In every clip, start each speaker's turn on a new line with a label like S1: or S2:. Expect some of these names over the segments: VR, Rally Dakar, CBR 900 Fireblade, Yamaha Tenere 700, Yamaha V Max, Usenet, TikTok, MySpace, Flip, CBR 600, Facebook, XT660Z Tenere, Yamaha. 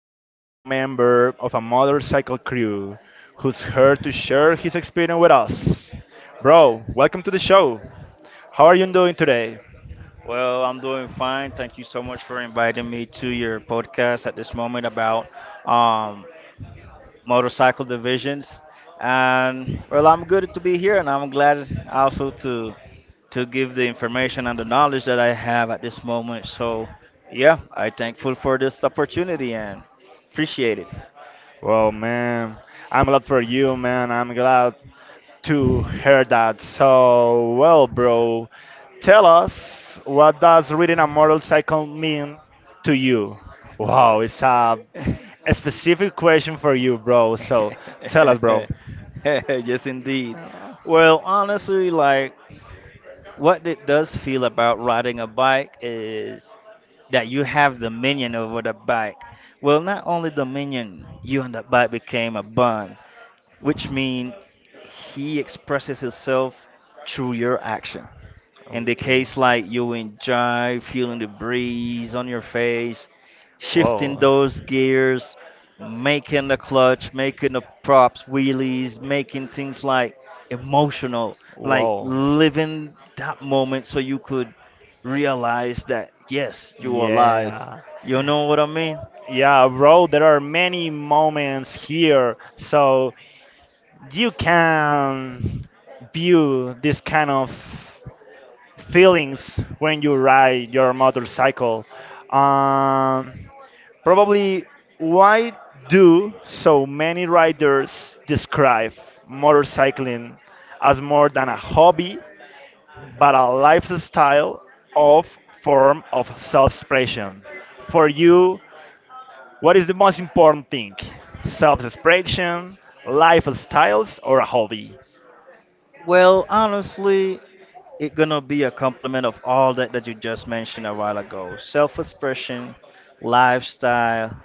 S1: joined by a member of a motorcycle crew who's here to share his experience with us. Bro, welcome to the show. How are you doing today?
S2: Well, I'm doing fine. Thank you so much for inviting me to your podcast at this moment about um, motorcycle divisions. And well, I'm good to be here, and I'm glad also to give the information and the knowledge that I have at this moment. So, yeah, I thankful for this opportunity and appreciate
S1: Well, man, I'm glad for you, man. I'm glad to hear that. So, well, bro, tell us what does riding a motorcycle mean to you? Wow, it's a specific question for you, bro. So, tell us, bro.
S2: it. Yes, indeed. Well, honestly, like what it does feel about riding a bike is that you have dominion over the bike. Well, not only dominion, you and the bike became a bond, which means he expresses himself through your action. In the
S1: Okay.
S2: case like you enjoy feeling the breeze on your face, shifting
S1: Whoa.
S2: those gears, making the clutch, making the props, wheelies, making things like emotional, like
S1: Whoa.
S2: living that moment so you could realize that yes, you're alive.
S1: Yeah.
S2: You know what I mean?
S1: Yeah, bro, there are many moments here. So you can view this kind of feelings when you ride your motorcycle. Um, Probably why do so many riders describe motorcycling as more than a hobby but a lifestyle of form of self-expression. For you, what is the most important thing? Self-expression, lifestyles, or a hobby?
S2: Well, honestly, it's gonna be a complement of all that you just mentioned a while ago: self-expression, lifestyle,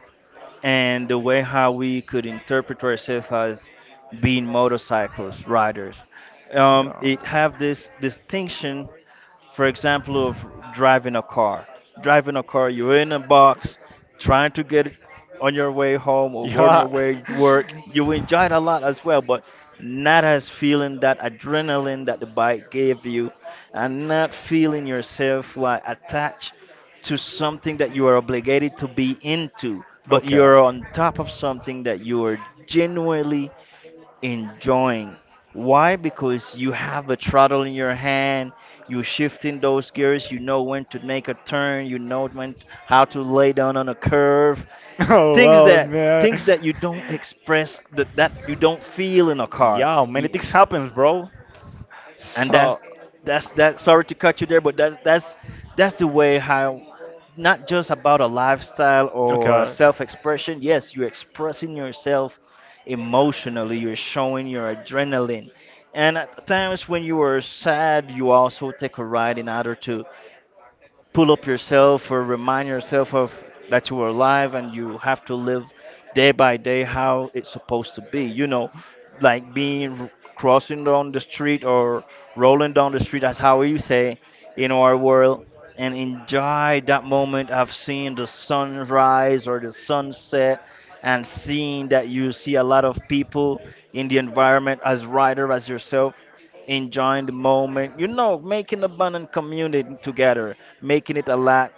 S2: and the way how we could interpret ourselves as being motorcycles riders.
S1: Yeah.
S2: It have this distinction, for example, of driving a car. Driving a car you're in a box, trying to get it on your way home or on your
S1: Yeah.
S2: way to work. You enjoy it a lot as well, but not as feeling that adrenaline that the bike gave you, and not feeling yourself like attached to something that you are obligated to be into, but
S1: Okay.
S2: you're on top of something that you are genuinely enjoying. Why? Because you have a throttle in your hand, you're shifting those gears, you know when to make a turn, you know when how to lay down on a curve.
S1: Oh
S2: Things
S1: well,
S2: that
S1: man.
S2: things that you don't express that, you don't feel in a car.
S1: Yeah, many
S2: You
S1: things happens, bro.
S2: and
S1: So,
S2: that's that sorry to cut you there but that's that's the way how, not just about a lifestyle or a
S1: okay,
S2: self-expression. Yes, you're expressing yourself emotionally, you're showing your adrenaline, and at times when you are sad you also take a ride in order to pull up yourself or remind yourself of that you are alive and you have to live day by day how it's supposed to be, you know, like being crossing down the street or rolling down the street as how you say in our world, and enjoy that moment of seeing the sunrise or the sunset, and seeing that you see a lot of people in the environment as rider as yourself, enjoying the moment, you know, making a bond and community together, making it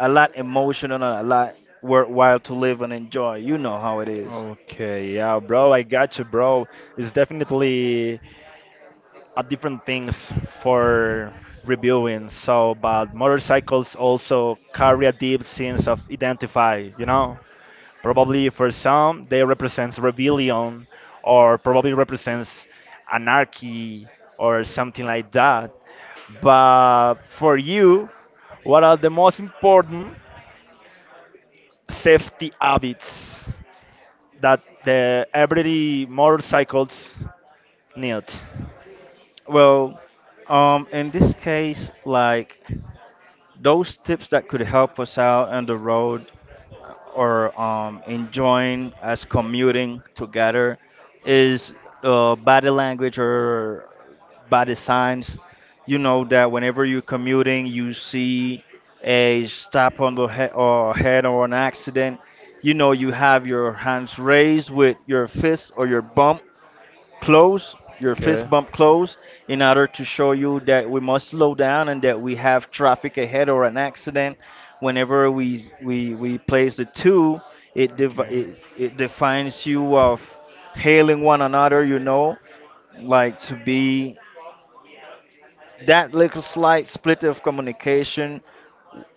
S2: a lot emotional, and a lot worthwhile to live and enjoy. You know how it is.
S1: okay, yeah, bro, I got you, bro. It's definitely a different things for reviewing. So, but motorcycles also carry a deep sense of identify. You know, probably for some they represents rebellion, or probably represents anarchy or something like that. But for you, what are the most important safety habits that the every motorcycles need.
S2: Well, in this case, like those tips that could help us out on the road or enjoying as commuting together is body language or body signs. You know that whenever you're commuting, you see a stop on the he- or head or an accident. You know you have your hands raised with your fist or your bum close, your
S1: Okay.
S2: fist bump close, in order to show you that we must slow down and that we have traffic ahead or an accident. Whenever we place the two, it, devi
S1: Okay.
S2: it it defines you of hailing one another. You know, like to be that little slight split of communication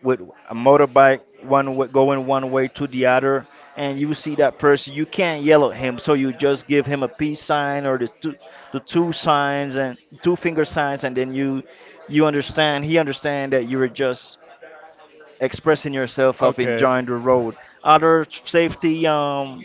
S2: with a motorbike one way, going one way to the other, and you see that person you can't yell at him, so you just give him a peace sign or the two signs and two finger signs, and then you understand, he understand that you were just expressing yourself of
S1: Okay.
S2: enjoying the road. Other safety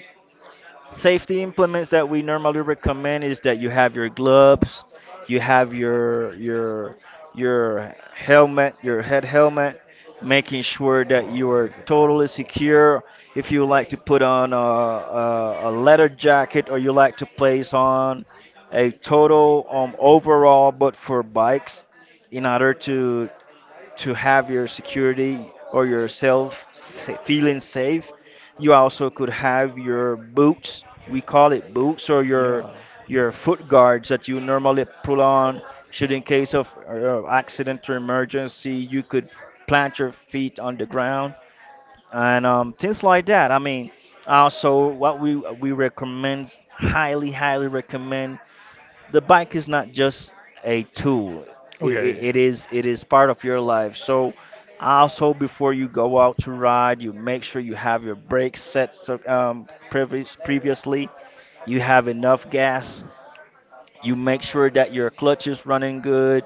S2: safety implements that we normally recommend is that you have your gloves, you have your your helmet, your head helmet, making sure that you are totally secure. If you like to put on a leather jacket, or you like to place on a total overall, but for bikes, in order to have your security or feeling safe. You also could have your boots. We call it boots or
S1: Yeah.
S2: your foot guards that you normally pull on should in case of accident or emergency, you could plant your feet on the ground and things like that. I mean, also what we recommend, highly recommend, the bike is not just a tool. it, it
S1: Okay.
S2: it is it is part of your life, so also before you go out to ride you make sure you have your brakes set, so, previously, you have enough gas, you make sure that your clutch is running good.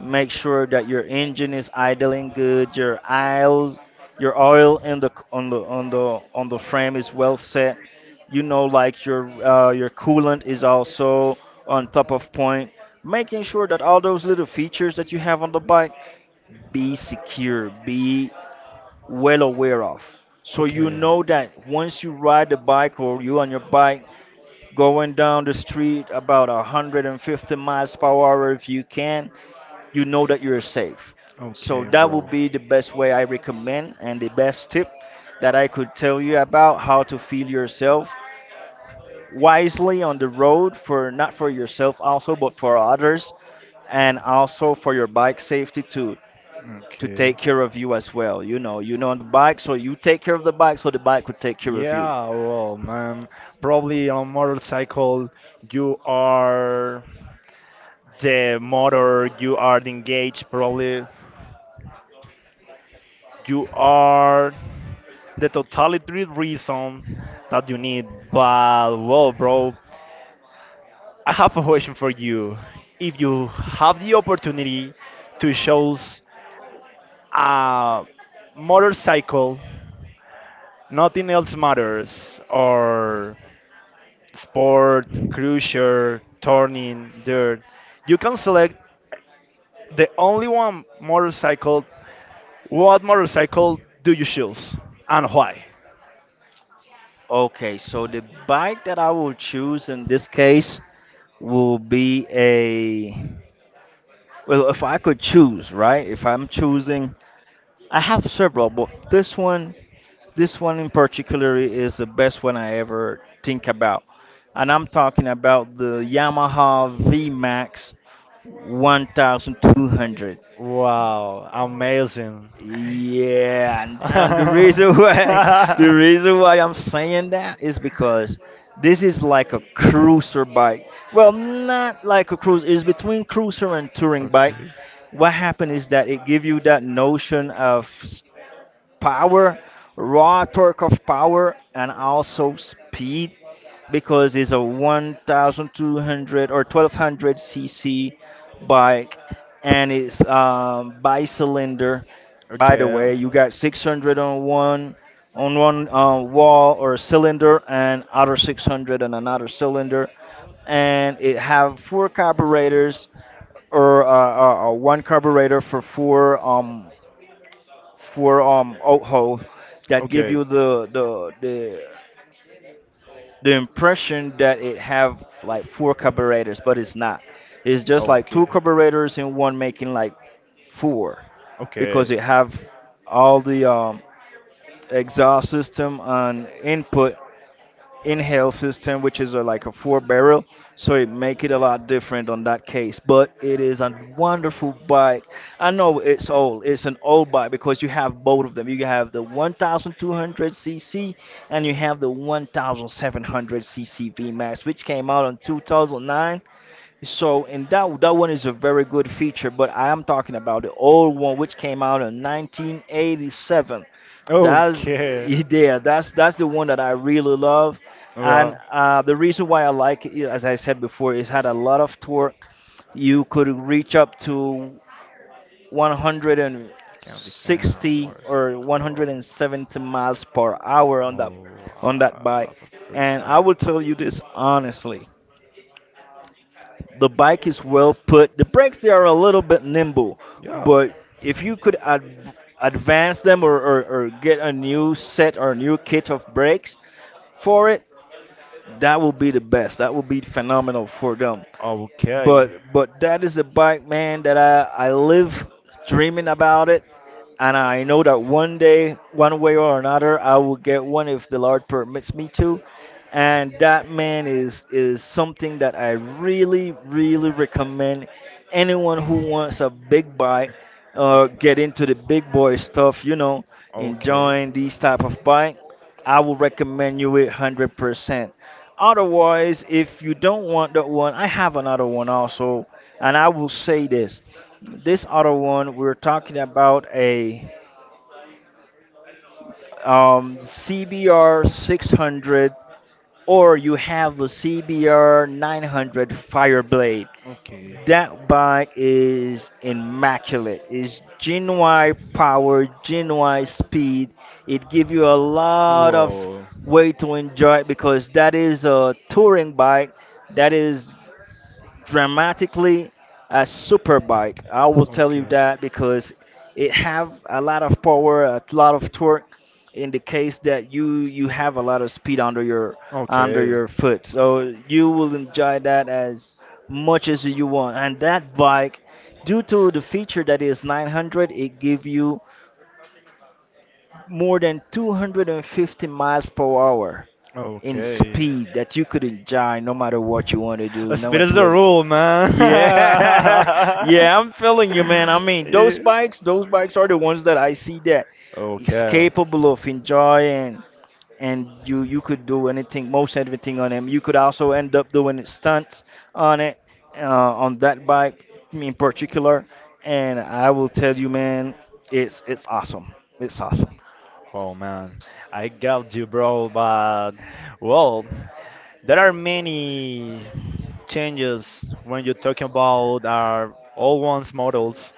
S2: Make sure that your engine is idling good, your oil in the on the on the on the frame is well set. You know, like your coolant is also on top of point. Making sure that all those little features that you have on the bike be secure, be well aware of. So you
S1: Okay.
S2: know that once you ride the bike or you on your bike going down the street about 150 miles per hour if you can, you know that you're safe. So
S1: Okay,
S2: that
S1: bro.
S2: would be the best way I recommend and the best tip that I could tell you about how to feel yourself wisely on the road, for not for yourself also but for others, and also for your bike safety to
S1: Okay.
S2: take care of you as well. You know on the bike, so you take care of the bike so the bike could take care of you.
S1: Yeah, well, man, probably on motorcycle you are the motor, you are the engaged, probably you are the totally reason that you need. But well, bro, I have a question for you. If you have the opportunity to choose a motorcycle, nothing else matters, or sport, cruiser, turning, dirt, you can select the only one motorcycle. What motorcycle do you choose and why?
S2: Okay, so the bike that I will choose in this case will be a, well, if I could choose, right? If I'm choosing, I have several, but this one in particular is the best one I ever think about. And I'm talking about the Yamaha V Max, 1200.
S1: Wow, amazing.
S2: Yeah, and, the reason why the reason why I'm saying that is because this is like a cruiser bike. Well, not like a cruiser. It's between cruiser and touring bike.
S1: Okay.
S2: What happened is that it give you that notion of power, raw torque of power, and also speed because it's a 1200, or 1200 cc bike, and it's by cylinder. By the
S1: Okay,
S2: way, you got 600 on one wall or cylinder and other 600 on another cylinder, and it have four carburetors, or one carburetor for four for oho that give
S1: okay,
S2: you the impression that it have like four carburetors, but it's not. It's just like
S1: okay,
S2: two carburetors and one making like four
S1: okay.
S2: because it have all the exhaust system and input inhale system, which is a, like a four barrel, so it make it a lot different on that case. But it is a wonderful bike. I know it's old. It's an old bike because you have both of them. You have the 1,200 cc and you have the 1,700 cc VMAX, which came out in 2009. So and that one is a very good feature, but I am talking about the old one which came out in 1987. That's,
S1: Okay.
S2: yeah, that's the one that I really love, and
S1: Well,
S2: the reason why I like it, as I said before, is had a lot of torque. You could reach up to
S1: can be found
S2: 160
S1: what is
S2: or
S1: it called?
S2: 170 miles per hour
S1: Oh,
S2: on that bike,
S1: love at first
S2: and I
S1: sight.
S2: will tell you this honestly. The bike is well put. The brakes they are a little bit nimble,
S1: Yeah.
S2: but if you could advance them, or, or get a new set or a new kit of brakes for it, that will be the best. That will be phenomenal for them.
S1: Okay.
S2: But that is the bike, man, that I live dreaming about it, and I know that one day, one way or another, I will get one if the Lord permits me to. And that, man, is something that I really, really recommend anyone who wants a big bike or get
S1: O-
S2: into the big boy stuff. You know,
S1: Okay.
S2: enjoying these type of bike. I will recommend you it 100%. Otherwise, if you don't want that one, I have another one also, and I will say this: this other one we're talking about a CBR 600, or you have the CBR 900 Fireblade.
S1: Okay.
S2: That bike is immaculate. It's genuine power, genuine speed. It gives you a lot of
S1: Whoa.
S2: way to enjoy it because that is a touring bike. That is dramatically as superbike. I will tell you
S1: Okay.
S2: that because it have a lot of power, a lot of torque, in the case that you have a lot of speed under
S1: Okay.
S2: your foot. So you will enjoy that as much as you want. And that bike due to the feature that is 900, it give you more than 250 miles per hour in
S1: Okay.
S2: speed that you could enjoy no matter what you want to do, no
S1: Speed is
S2: matter
S1: the
S2: what.
S1: rule, man.
S2: Yeah, yeah, I'm feeling you, man. I mean, those
S1: Yeah.
S2: bikes, those bikes are the ones that I see that is
S1: Okay.
S2: capable of enjoying, and you could do anything, most everything on them. You could also end up doing stunts on it, on that bike in particular. And I will tell you, man, it's awesome. It's awesome.
S1: Oh man, I got you, bro. But well, there are many changes when you're talking about our old ones models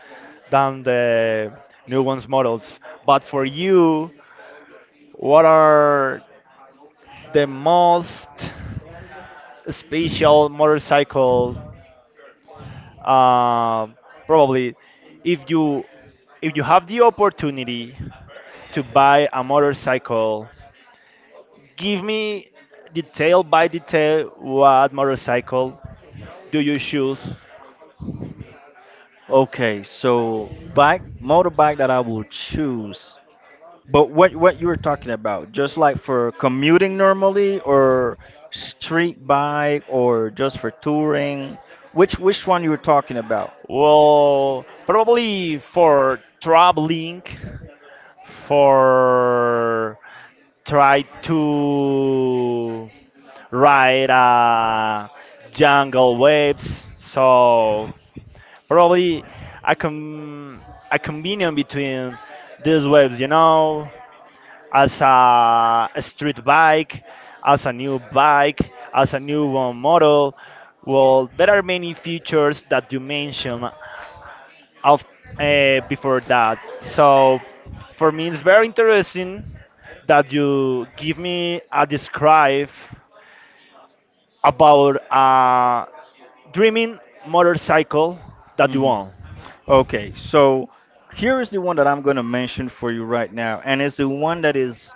S1: than the new ones models. But for you, what are the most special motorcycle? Uh, Probably, if you if you have the opportunity to buy a motorcycle, give me detail by detail what motorcycle do you choose.
S2: Okay, so bike motorbike that I will choose. But what you were talking about, just like for commuting normally, or street bike, or just for touring, which one you were talking about?
S1: Well, probably for traveling, for try to ride jungle waves. So probably a com a combination between these waves, you know, as a street bike, as a new bike, as a new one model. Well, there are many features that you mentioned of before that. So for me, it's very interesting that you give me a describe about a dreaming motorcycle that you
S2: Mhm.
S1: want.
S2: Okay, so here is the one that I'm going to mention for you right now, and it's the one that is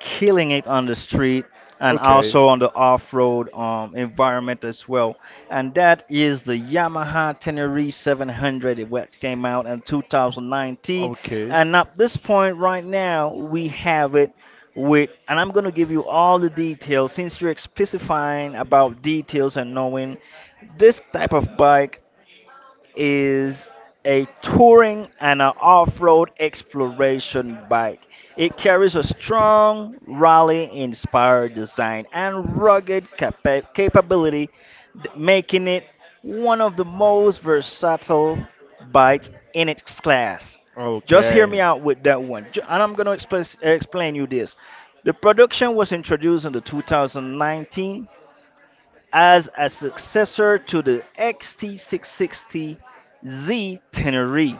S2: killing it on the street and
S1: Okay,
S2: also on the off-road environment as well. And that is the Yamaha Tenere 700, which came out in 2019.
S1: okay,
S2: And at this point right now, we have it with, and I'm going to give you all the details, since you're specifying about details and knowing this type of bike is a touring and an off-road exploration bike. It carries a strong rally-inspired design and rugged capability, making it one of the most versatile bikes in its class. Just hear
S1: okay.
S2: me out with that one, and I'm going to explain you this. The production was introduced in the 2019 as a successor to the XT660Z Tenere,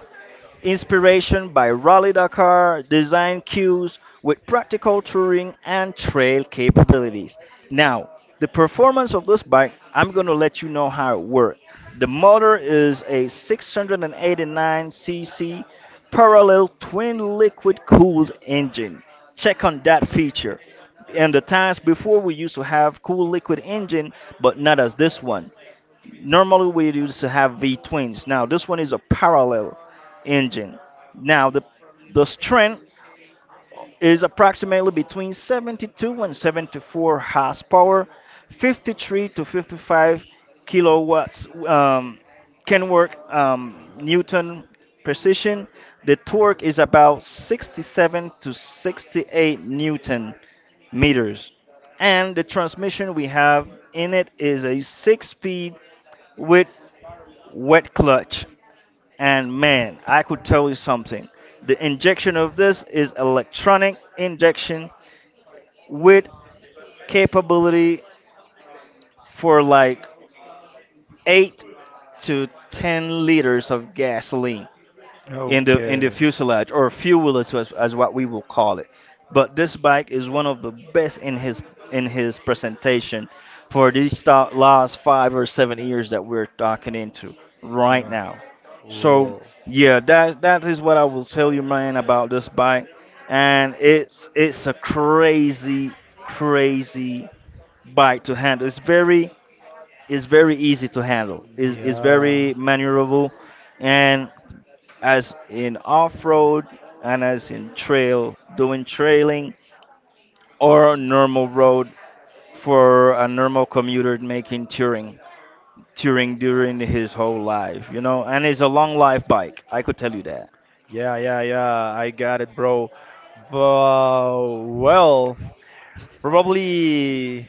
S2: inspiration by Rally Dakar design cues with practical touring and trail capabilities. Now, the performance of this bike, I'm going to let you know how it works. The motor is a 689cc parallel twin liquid cooled engine. Check on that feature. In the times before, we used to have cool liquid engine, but not as this one. Normally we used to have V twins. Now this one is a parallel engine. Now the strength is approximately between 72 and 74 horsepower, 53 to 55 kilowatts. Can work Newton precision. The torque is about 67 to 68 Newton meters, and the transmission we have in it is a six-speed with wet clutch, and man, I could tell you something. The injection of this is electronic injection with capability for like 8 to 10 liters of gasoline, in the
S1: Okay.
S2: fuselage or fuel wheel, as, as what we will call it. But this bike is one of the best in his presentation for these last 5 or 7 years that we're talking into right
S1: Yeah.
S2: now. So
S1: Whoa.
S2: yeah, that is what I will tell you, man, about this bike. And it's a crazy, crazy bike to handle. It's very easy to handle. It's
S1: Yeah.
S2: very maneuverable, and as in off road and as in trail, doing trailing or normal road for a normal commuter making touring, touring during his whole life, you know. And it's a long life bike, I could tell you that.
S1: Yeah, yeah, yeah. I got it, bro. But well, probably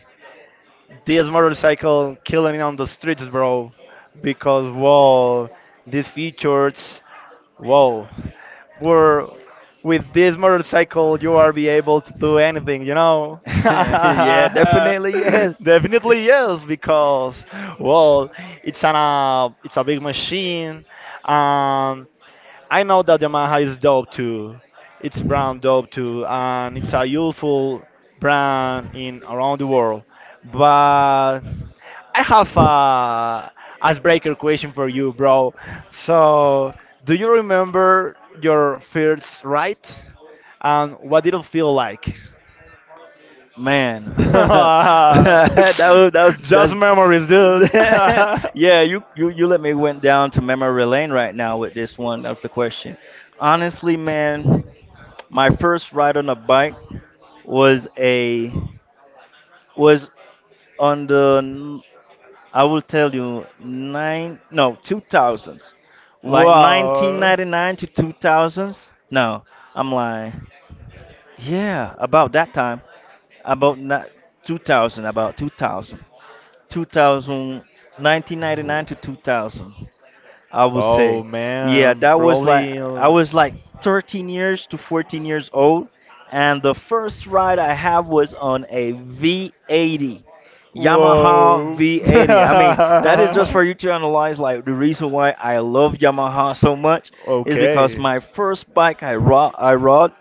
S1: this motorcycle killing on the streets, bro. Because wow, these features, wow, were with this motorcycle you are be able to do anything, you know.
S2: Yeah, definitely, yes.
S1: Definitely yes, because well, it's an it's a big machine. Um, I know that Yamaha is dope too. It's brand dope too, and it's a useful brand in around the world. But I have a icebreaker question for you, bro. So, do you remember your first ride, and what did it feel like?
S2: Man, that was
S1: Just memories, dude.
S2: that's Yeah. You let me went down to memory lane right now with this one of the question. Honestly, man, my first ride on a bike was a was on the I will tell you, nine, no, two thousands, like
S1: Wow.
S2: 1999 to 2000s. No, I'm lying. Yeah, about that time. About, not 2000, about 2000, 2019, ninety nine to 2000, I would
S1: Oh
S2: say. Yeah,
S1: man,
S2: that was like
S1: probably.
S2: I was like 13 years to 14 years old, and the first ride I have was on a V80. Yamaha
S1: Whoa.
S2: V80. I mean, that is just for you to analyze. Like, the reason why I love Yamaha so much is because
S1: Okay.
S2: my first bike I rode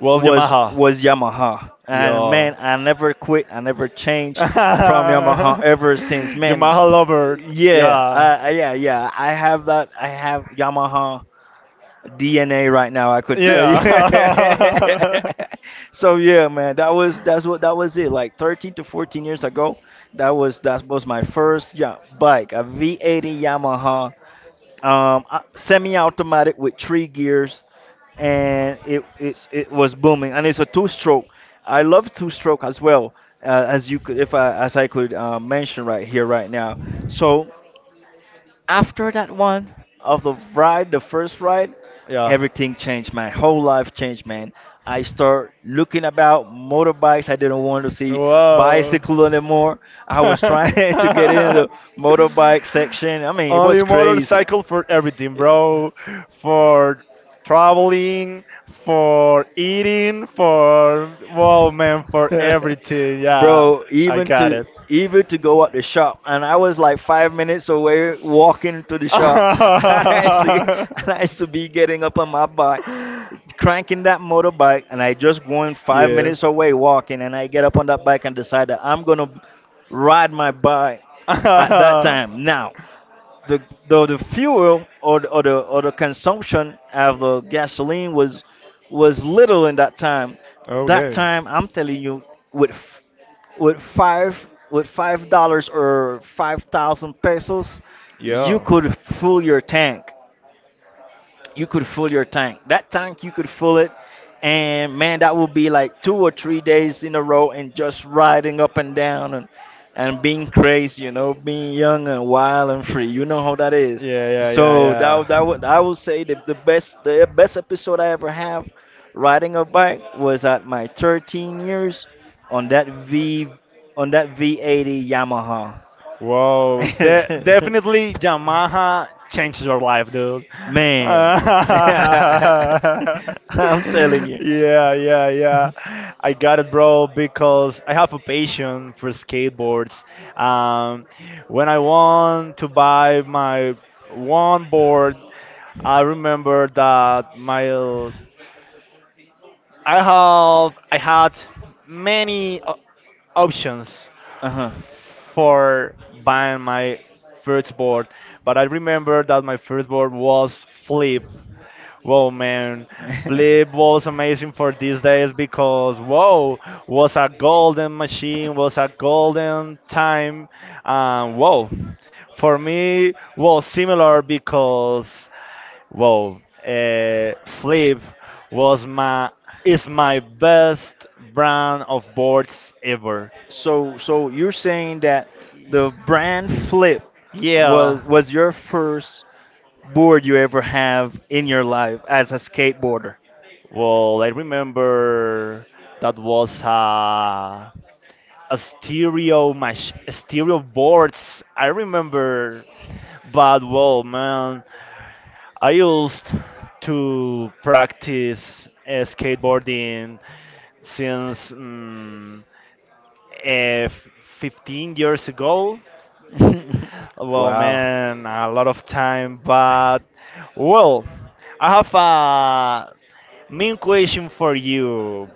S1: Well,
S2: was
S1: Yamaha.
S2: was Yamaha, and
S1: Yeah.
S2: man, I never quit. I never changed from Yamaha ever since. Man,
S1: Yamaha lover.
S2: yeah,
S1: Yeah.
S2: yeah, yeah. I have that. I have Yamaha DNA right now, I could tell you.
S1: Yeah.
S2: So yeah, man, that was it. Like 13 to 14 years ago, that was my first yeah bike, a V80 Yamaha, semi-automatic with three gears, and it was booming, and it's a two-stroke. I love two-stroke as well, as you could if I as I could mention right here right now. So after that one of the ride, the first ride,
S1: Yeah.
S2: everything changed. My whole life changed, man. I start looking about motorbikes. I didn't want to see
S1: Whoa.
S2: bicycle anymore. I was trying to get into the motorbike section. I mean, it was
S1: Only
S2: crazy.
S1: motorcycle for everything, bro. For traveling, for eating, for, well, man, for everything. Yeah.
S2: Bro,
S1: I
S2: even
S1: got
S2: to
S1: it.
S2: even to go out the shop, and I was like 5 minutes away walking to the shop, and i used to,
S1: Yeah.
S2: and I used to be getting up on my bike cranking that motorbike, and I just going 5 minutes away walking, and I get up on that bike and decide that I'm gonna ride my bike at that time. Now the the fuel, or the consumption of the gasoline was little in that time. That
S1: Okay.
S2: time, I'm telling you, with $5 or 5,000 pesos, you
S1: Yeah.
S2: could fill your tank. That tank you could fill it, and man, that would be like 2 or 3 days in a row and just riding up and down, and being crazy, you know, being young and wild and free. You know how that is.
S1: Yeah, yeah, yeah,
S2: So that would,
S1: yeah.
S2: I would say, the best episode I ever have riding a bike was at my 13 years on that V on that V80 Yamaha.
S1: Whoa, definitely Yamaha changed your life, dude.
S2: Man,
S1: Yeah,
S2: I'm telling you.
S1: yeah, yeah. I got it, bro, because I have a passion for skateboards. Um, when I want to buy my one board, I remember that my I have I had many options
S2: Uh huh.
S1: for buying my first board, but I remember that my first board was Flip. Whoa, man, Flip was amazing for these days because whoa was a golden machine, was a golden time, and whoa, for me was similar because well, Flip was my, is my best brand of boards ever.
S2: So you're saying that the brand Flip was
S1: Yeah.
S2: was your first board you ever have in your life as a skateboarder.
S1: Well, I remember that was a stereo boards. I remember, but well, man, I used to practice skateboarding since. Uh, 15 years ago. Well,
S2: Wow.
S1: man, a lot of time, but well, I have a main question for you,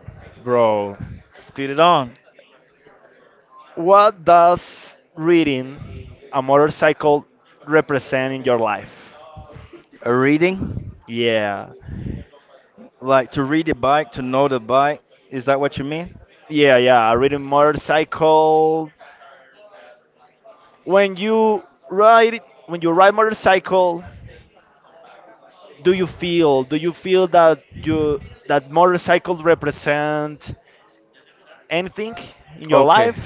S1: bro.
S2: Speed it on.
S1: What does reading a motorcycle represent in your life?
S2: A reading?
S1: Yeah,
S2: Like, to read the bike, to know the bike. Is that what you mean?
S1: yeah, yeah. Reading motorcycle. When you when you ride motorcycle, do you feel? Do you feel that motorcycle represent anything in your life?
S2: Okay.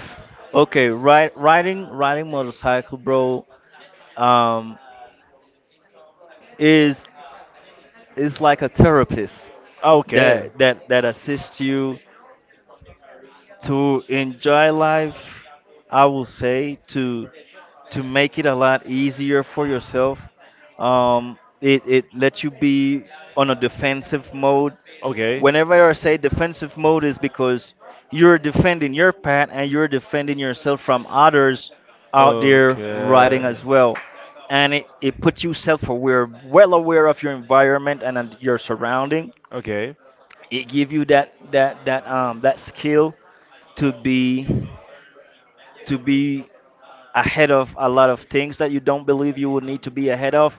S2: Okay, right, riding, motorcycle, bro, um is it's like a therapist
S1: Ah, okay,
S2: that that assists you to enjoy life. I will say, to make it a lot easier for yourself. It lets you be on a defensive mode.
S1: okay. Okay.
S2: Whenever I say defensive mode is because you're defending your path and you're defending yourself from others out there riding
S1: Okay.
S2: as well. And it puts you self aware, well aware of your environment and your surrounding.
S1: Okay.
S2: It give you that skill to be, to be ahead of a lot of things that you don't believe you would need to be ahead of.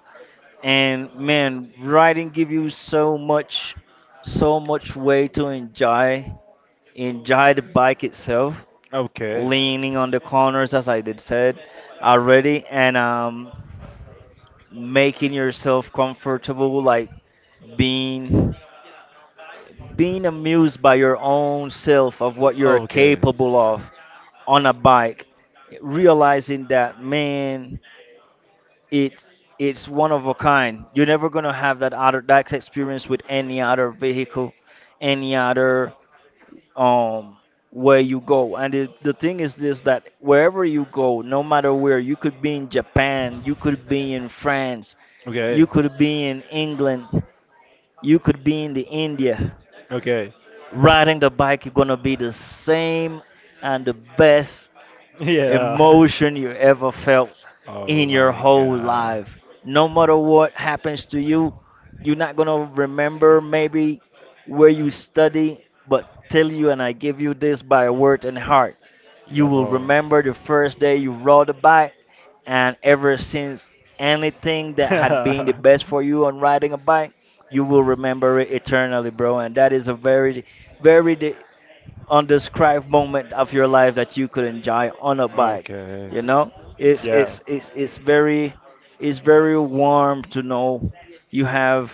S2: And man, writing give you so much, way to enjoy, the bike itself,
S1: Okay.
S2: leaning on the corners as I did said already, and making yourself comfortable, like being, amused by your own self of what you're capable of on a bike, realizing that, man, it it's one of a kind. You're never gonna have that other, that experience, with any other vehicle, any other um where you go. And the thing is this, that wherever you go, no matter where, you could be in Japan, you could be in France, you
S1: Okay.
S2: could be in England, you could be in the India.
S1: Okay.
S2: Riding the bike is gonna be the same, and the best
S1: Yeah.
S2: emotion you ever felt
S1: Oh
S2: in your
S1: my
S2: whole
S1: god.
S2: life. No matter what happens to you, you're not going to remember maybe where you study, but tell you, and I give you this by word and heart. You
S1: Yeah,
S2: will
S1: bro.
S2: remember the first day you rode a bike, and ever since, anything that had been the best for you on riding a bike, you will remember it eternally, bro. And that is a very, very undescribed moment of your life that you could enjoy on a bike.
S1: Okay.
S2: You know, it's
S1: Yeah.
S2: it's it's it's very it's very warm to know you have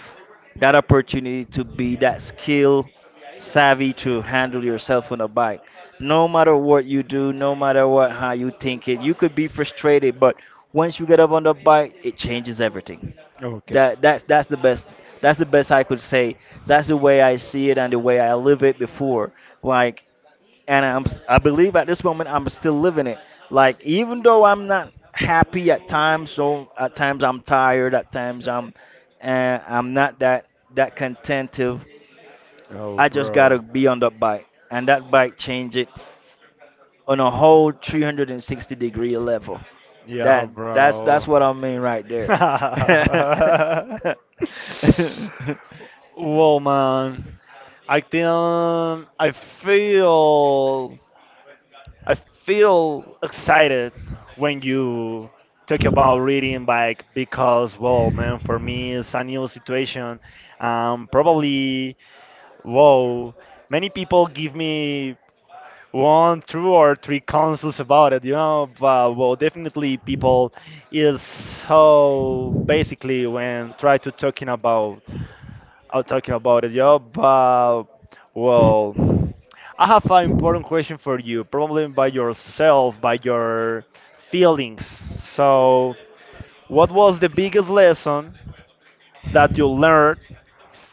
S2: that opportunity to be that skill savvy to handle yourself on a bike. No matter what you do, no matter what how you think it, you could be frustrated, but once you get up on the bike, it changes everything.
S1: Okay.
S2: That that's that's the best that's the best I could say. That's the way I see it and the way I live it before. Like, and I believe at this moment I'm still living it. Like, even though I'm not happy at times, so at times I'm tired, at times I'm not that contentive.
S1: Oh,
S2: I just gotta
S1: bro.
S2: be on the bike, and that bike change it on a whole 360 degree level.
S1: Yeah,
S2: That's
S1: bro.
S2: what I mean right there.
S1: Well, man, I think I feel I feel excited when you talk about reading bike because, well, man, for me it's a new situation. Probably, whoa, many people give me one, two, or three councils about it, you know. But well, definitely people is so basically when try to talking about talking about it, you know. But well, I have an important question for you, probably by yourself, by your feelings. So, what was the biggest lesson that you learned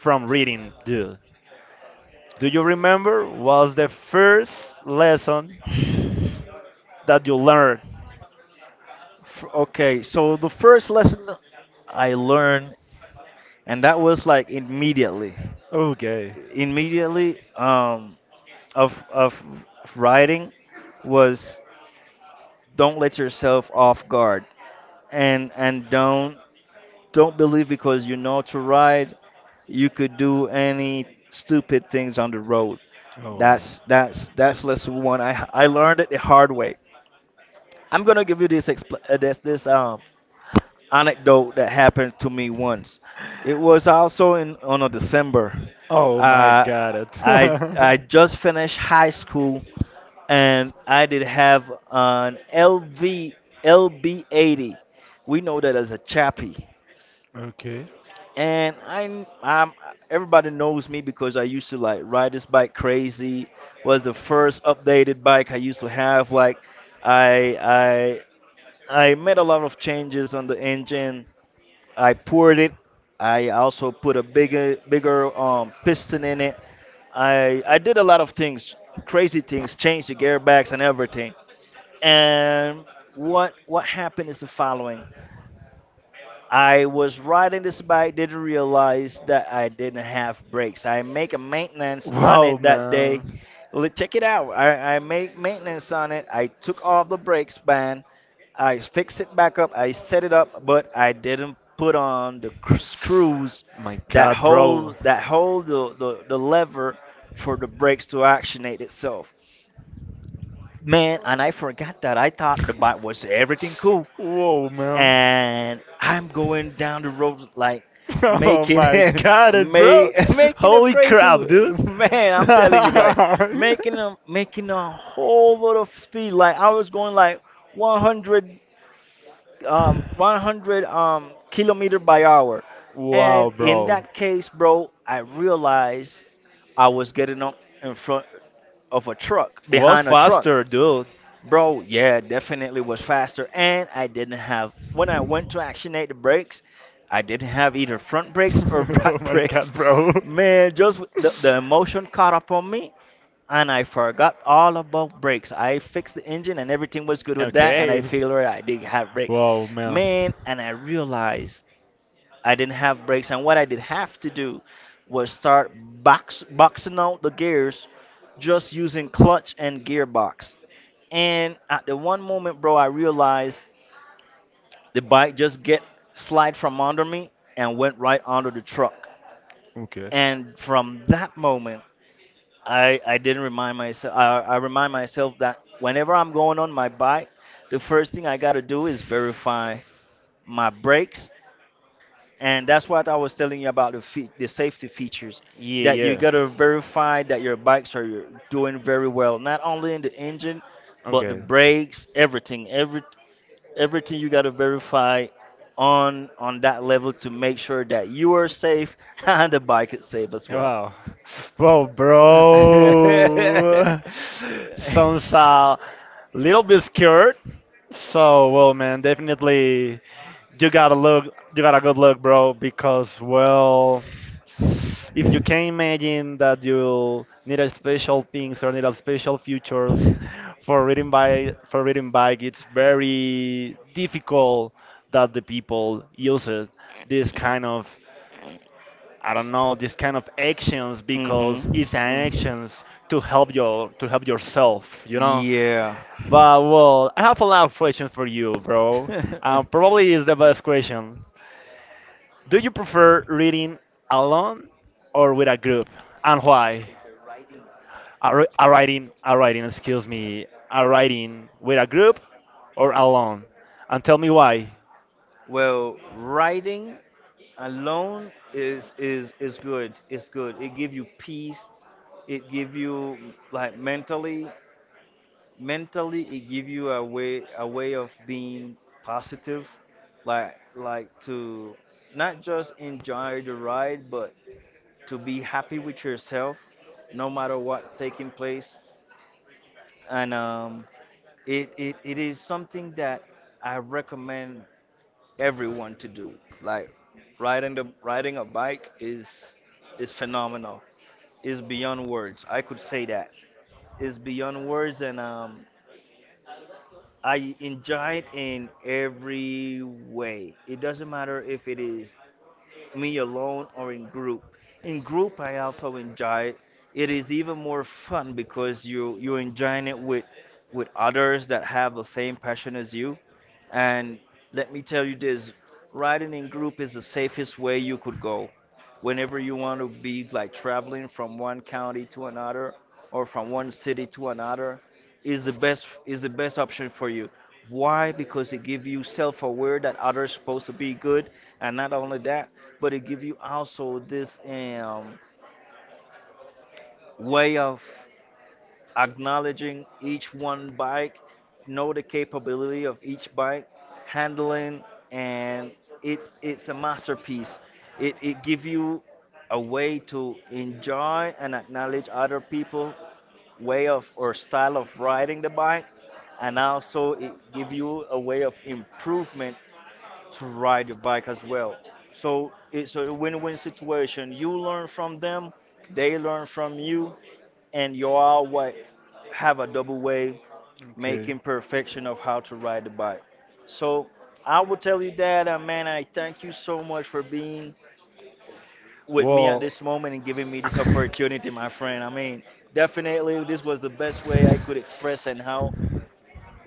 S1: from reading, dude? Do you remember? Was the first lesson that you learned?
S2: Okay, so the first lesson I learned, and that was like, immediately.
S1: Okay.
S2: Immediately of writing was, don't let yourself off guard, and don't believe because you know to ride you could do any stupid things on the road.
S1: Oh, wow.
S2: That's lesson one. I learned it the hard way. I'm gonna give you this anecdote that happened to me once. It was also in on a December.
S1: Oh my
S2: Uh,
S1: God! It.
S2: I I just finished high school, and I did have an LV LB80. We know that as a chappy,
S1: Okay.
S2: and I am, everybody knows me because I used to like ride this bike crazy. Was the first updated bike I used to have. Like I I made a lot of changes on the engine. I poured it. I also put a bigger piston in it. I did a lot of things, crazy things, changed the gearbox and everything. And what happened is the following. I was riding this bike, didn't realize that I didn't have brakes. I make a
S1: A
S2: maintenance
S1: maintenance.
S2: on
S1: Wow,
S2: it
S1: mistake
S2: that day.
S1: man.
S2: Look, check it out. I make maintenance on it. I took off the brakes band. I fixed it back up. I set it up, but I didn't put on the screws
S1: My
S2: that
S1: God, bro.
S2: hold the lever for the brakes to actionate itself. Man, and I forgot that. I thought the bike was everything cool,
S1: Whoa, man.
S2: and I'm going down the road like
S1: And oh
S2: making
S1: my God, it bro.
S2: making a
S1: Holy
S2: crazy,
S1: crap, dude.
S2: man. I'm telling you, like making a whole lot of speed. Like I was going like 100 100 kilometer by hour, and
S1: Wow,
S2: in
S1: bro.
S2: that case, bro, I realized I was getting up in front of a truck,
S1: Was
S2: behind a truck.
S1: faster, dude.
S2: Bro, yeah, definitely was faster. And I didn't have, when I went to actionate the brakes, I didn't have either front brakes or
S1: Oh
S2: back
S1: my god,
S2: brakes.
S1: bro.
S2: Man, just the emotion caught up on me, and I forgot all about brakes. I fixed the engine, and everything was good with that, and I
S1: Okay.
S2: figured I did have brakes.
S1: Wow, man.
S2: Man, and I realized I didn't have brakes, and what I did have to do was start boxing out the gears, just using clutch and gearbox. And at the one moment, bro, I realized the bike just get slide from under me and went right under the truck.
S1: Okay.
S2: And from that moment, I didn't remind myself. I remind myself that whenever I'm going on my bike, the first thing I gotta do is verify my brakes, and that's what I was telling you about the the safety features,
S1: Yeah,
S2: that you
S1: yeah.
S2: gotta verify that your bikes are doing very well, not only in the engine, but the
S1: Okay.
S2: brakes, everything, everything you gotta verify on that level to make sure that you are safe and the bike is safe as well.
S1: Wow. Wow, bro. Sounds a little bit scared. So, well, man, definitely. You gotta look. You gotta good look, bro. Because well, if you can imagine that you need a special things or need a special features for reading by for reading bike, it's very difficult that the people use it. This kind of, I don't know this kind of actions because
S2: Mm-hmm.
S1: it's an
S2: Mm.
S1: actions to help yourself, you know.
S2: Yeah.
S1: But well, I have a lot of questions for you, bro. Probably is the best question. Do you prefer reading alone or with a group, and why? Are, re- are writing, excuse me, are writing with a group or alone? And tell me why.
S2: Well, riding alone is good. It's good. It give you peace. It give you like mentally, mentally it give you a way of being positive, like to not just enjoy the ride, but to be happy with yourself, no matter what taking place. And it is something that I recommend everyone to do. Like riding a bike is phenomenal. It's beyond words. I could say that. It's beyond words, and I enjoy it in every way. It doesn't matter if it is me alone or in group. In group, I also enjoy it. It is even more fun because you enjoying it with others that have the same passion as you. And let me tell you this, riding in group is the safest way you could go. Whenever you want to be like traveling from one county to another or from one city to another, is the best option for you. Why? Because it gives you self-aware that others supposed to be good, and not only that, but it give you also this way of acknowledging each one bike, know the capability of each bike handling, and it's a masterpiece. It give you a way to enjoy and acknowledge other people way of or style of riding the bike, and also it give you a way of improvement to ride your bike as well. So it's a win-win situation. You learn from them, they learn from you, and you all have a double way making
S1: Okay.
S2: perfection of how to ride the bike. So I will tell you that, man, I thank you so much for being with me at
S1: Well,
S2: this moment and giving me this opportunity, my friend. I mean, definitely this was the best way I could express, and how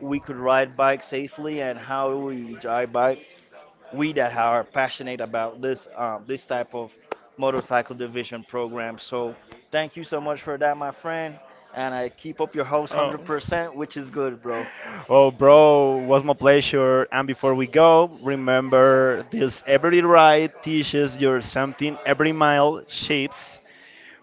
S2: we could ride bike safely and how we enjoy bike, we that are passionate about this type of motorcycle division program. So thank you so much for that, my friend. And I keep up your host 100%, which is good, bro.
S1: oh, bro, was my pleasure. And before we go, remember this every ride teaches you something, every mile shapes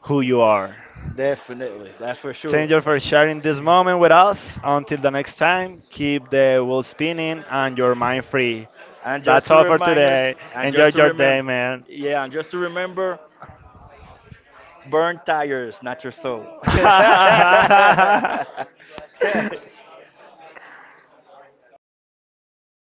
S1: who you are.
S2: Definitely, that's for
S1: Thank you
S2: sure.
S1: for sharing this moment with us. Until the next time, keep the wheel spinning and your mind free.
S2: And just
S1: That's
S2: to
S1: all for
S2: remind yours,
S1: today.
S2: and
S1: Enjoy
S2: just to
S1: your day,
S2: remember,
S1: man.
S2: yeah, and just to remember, burn tires, not your soul.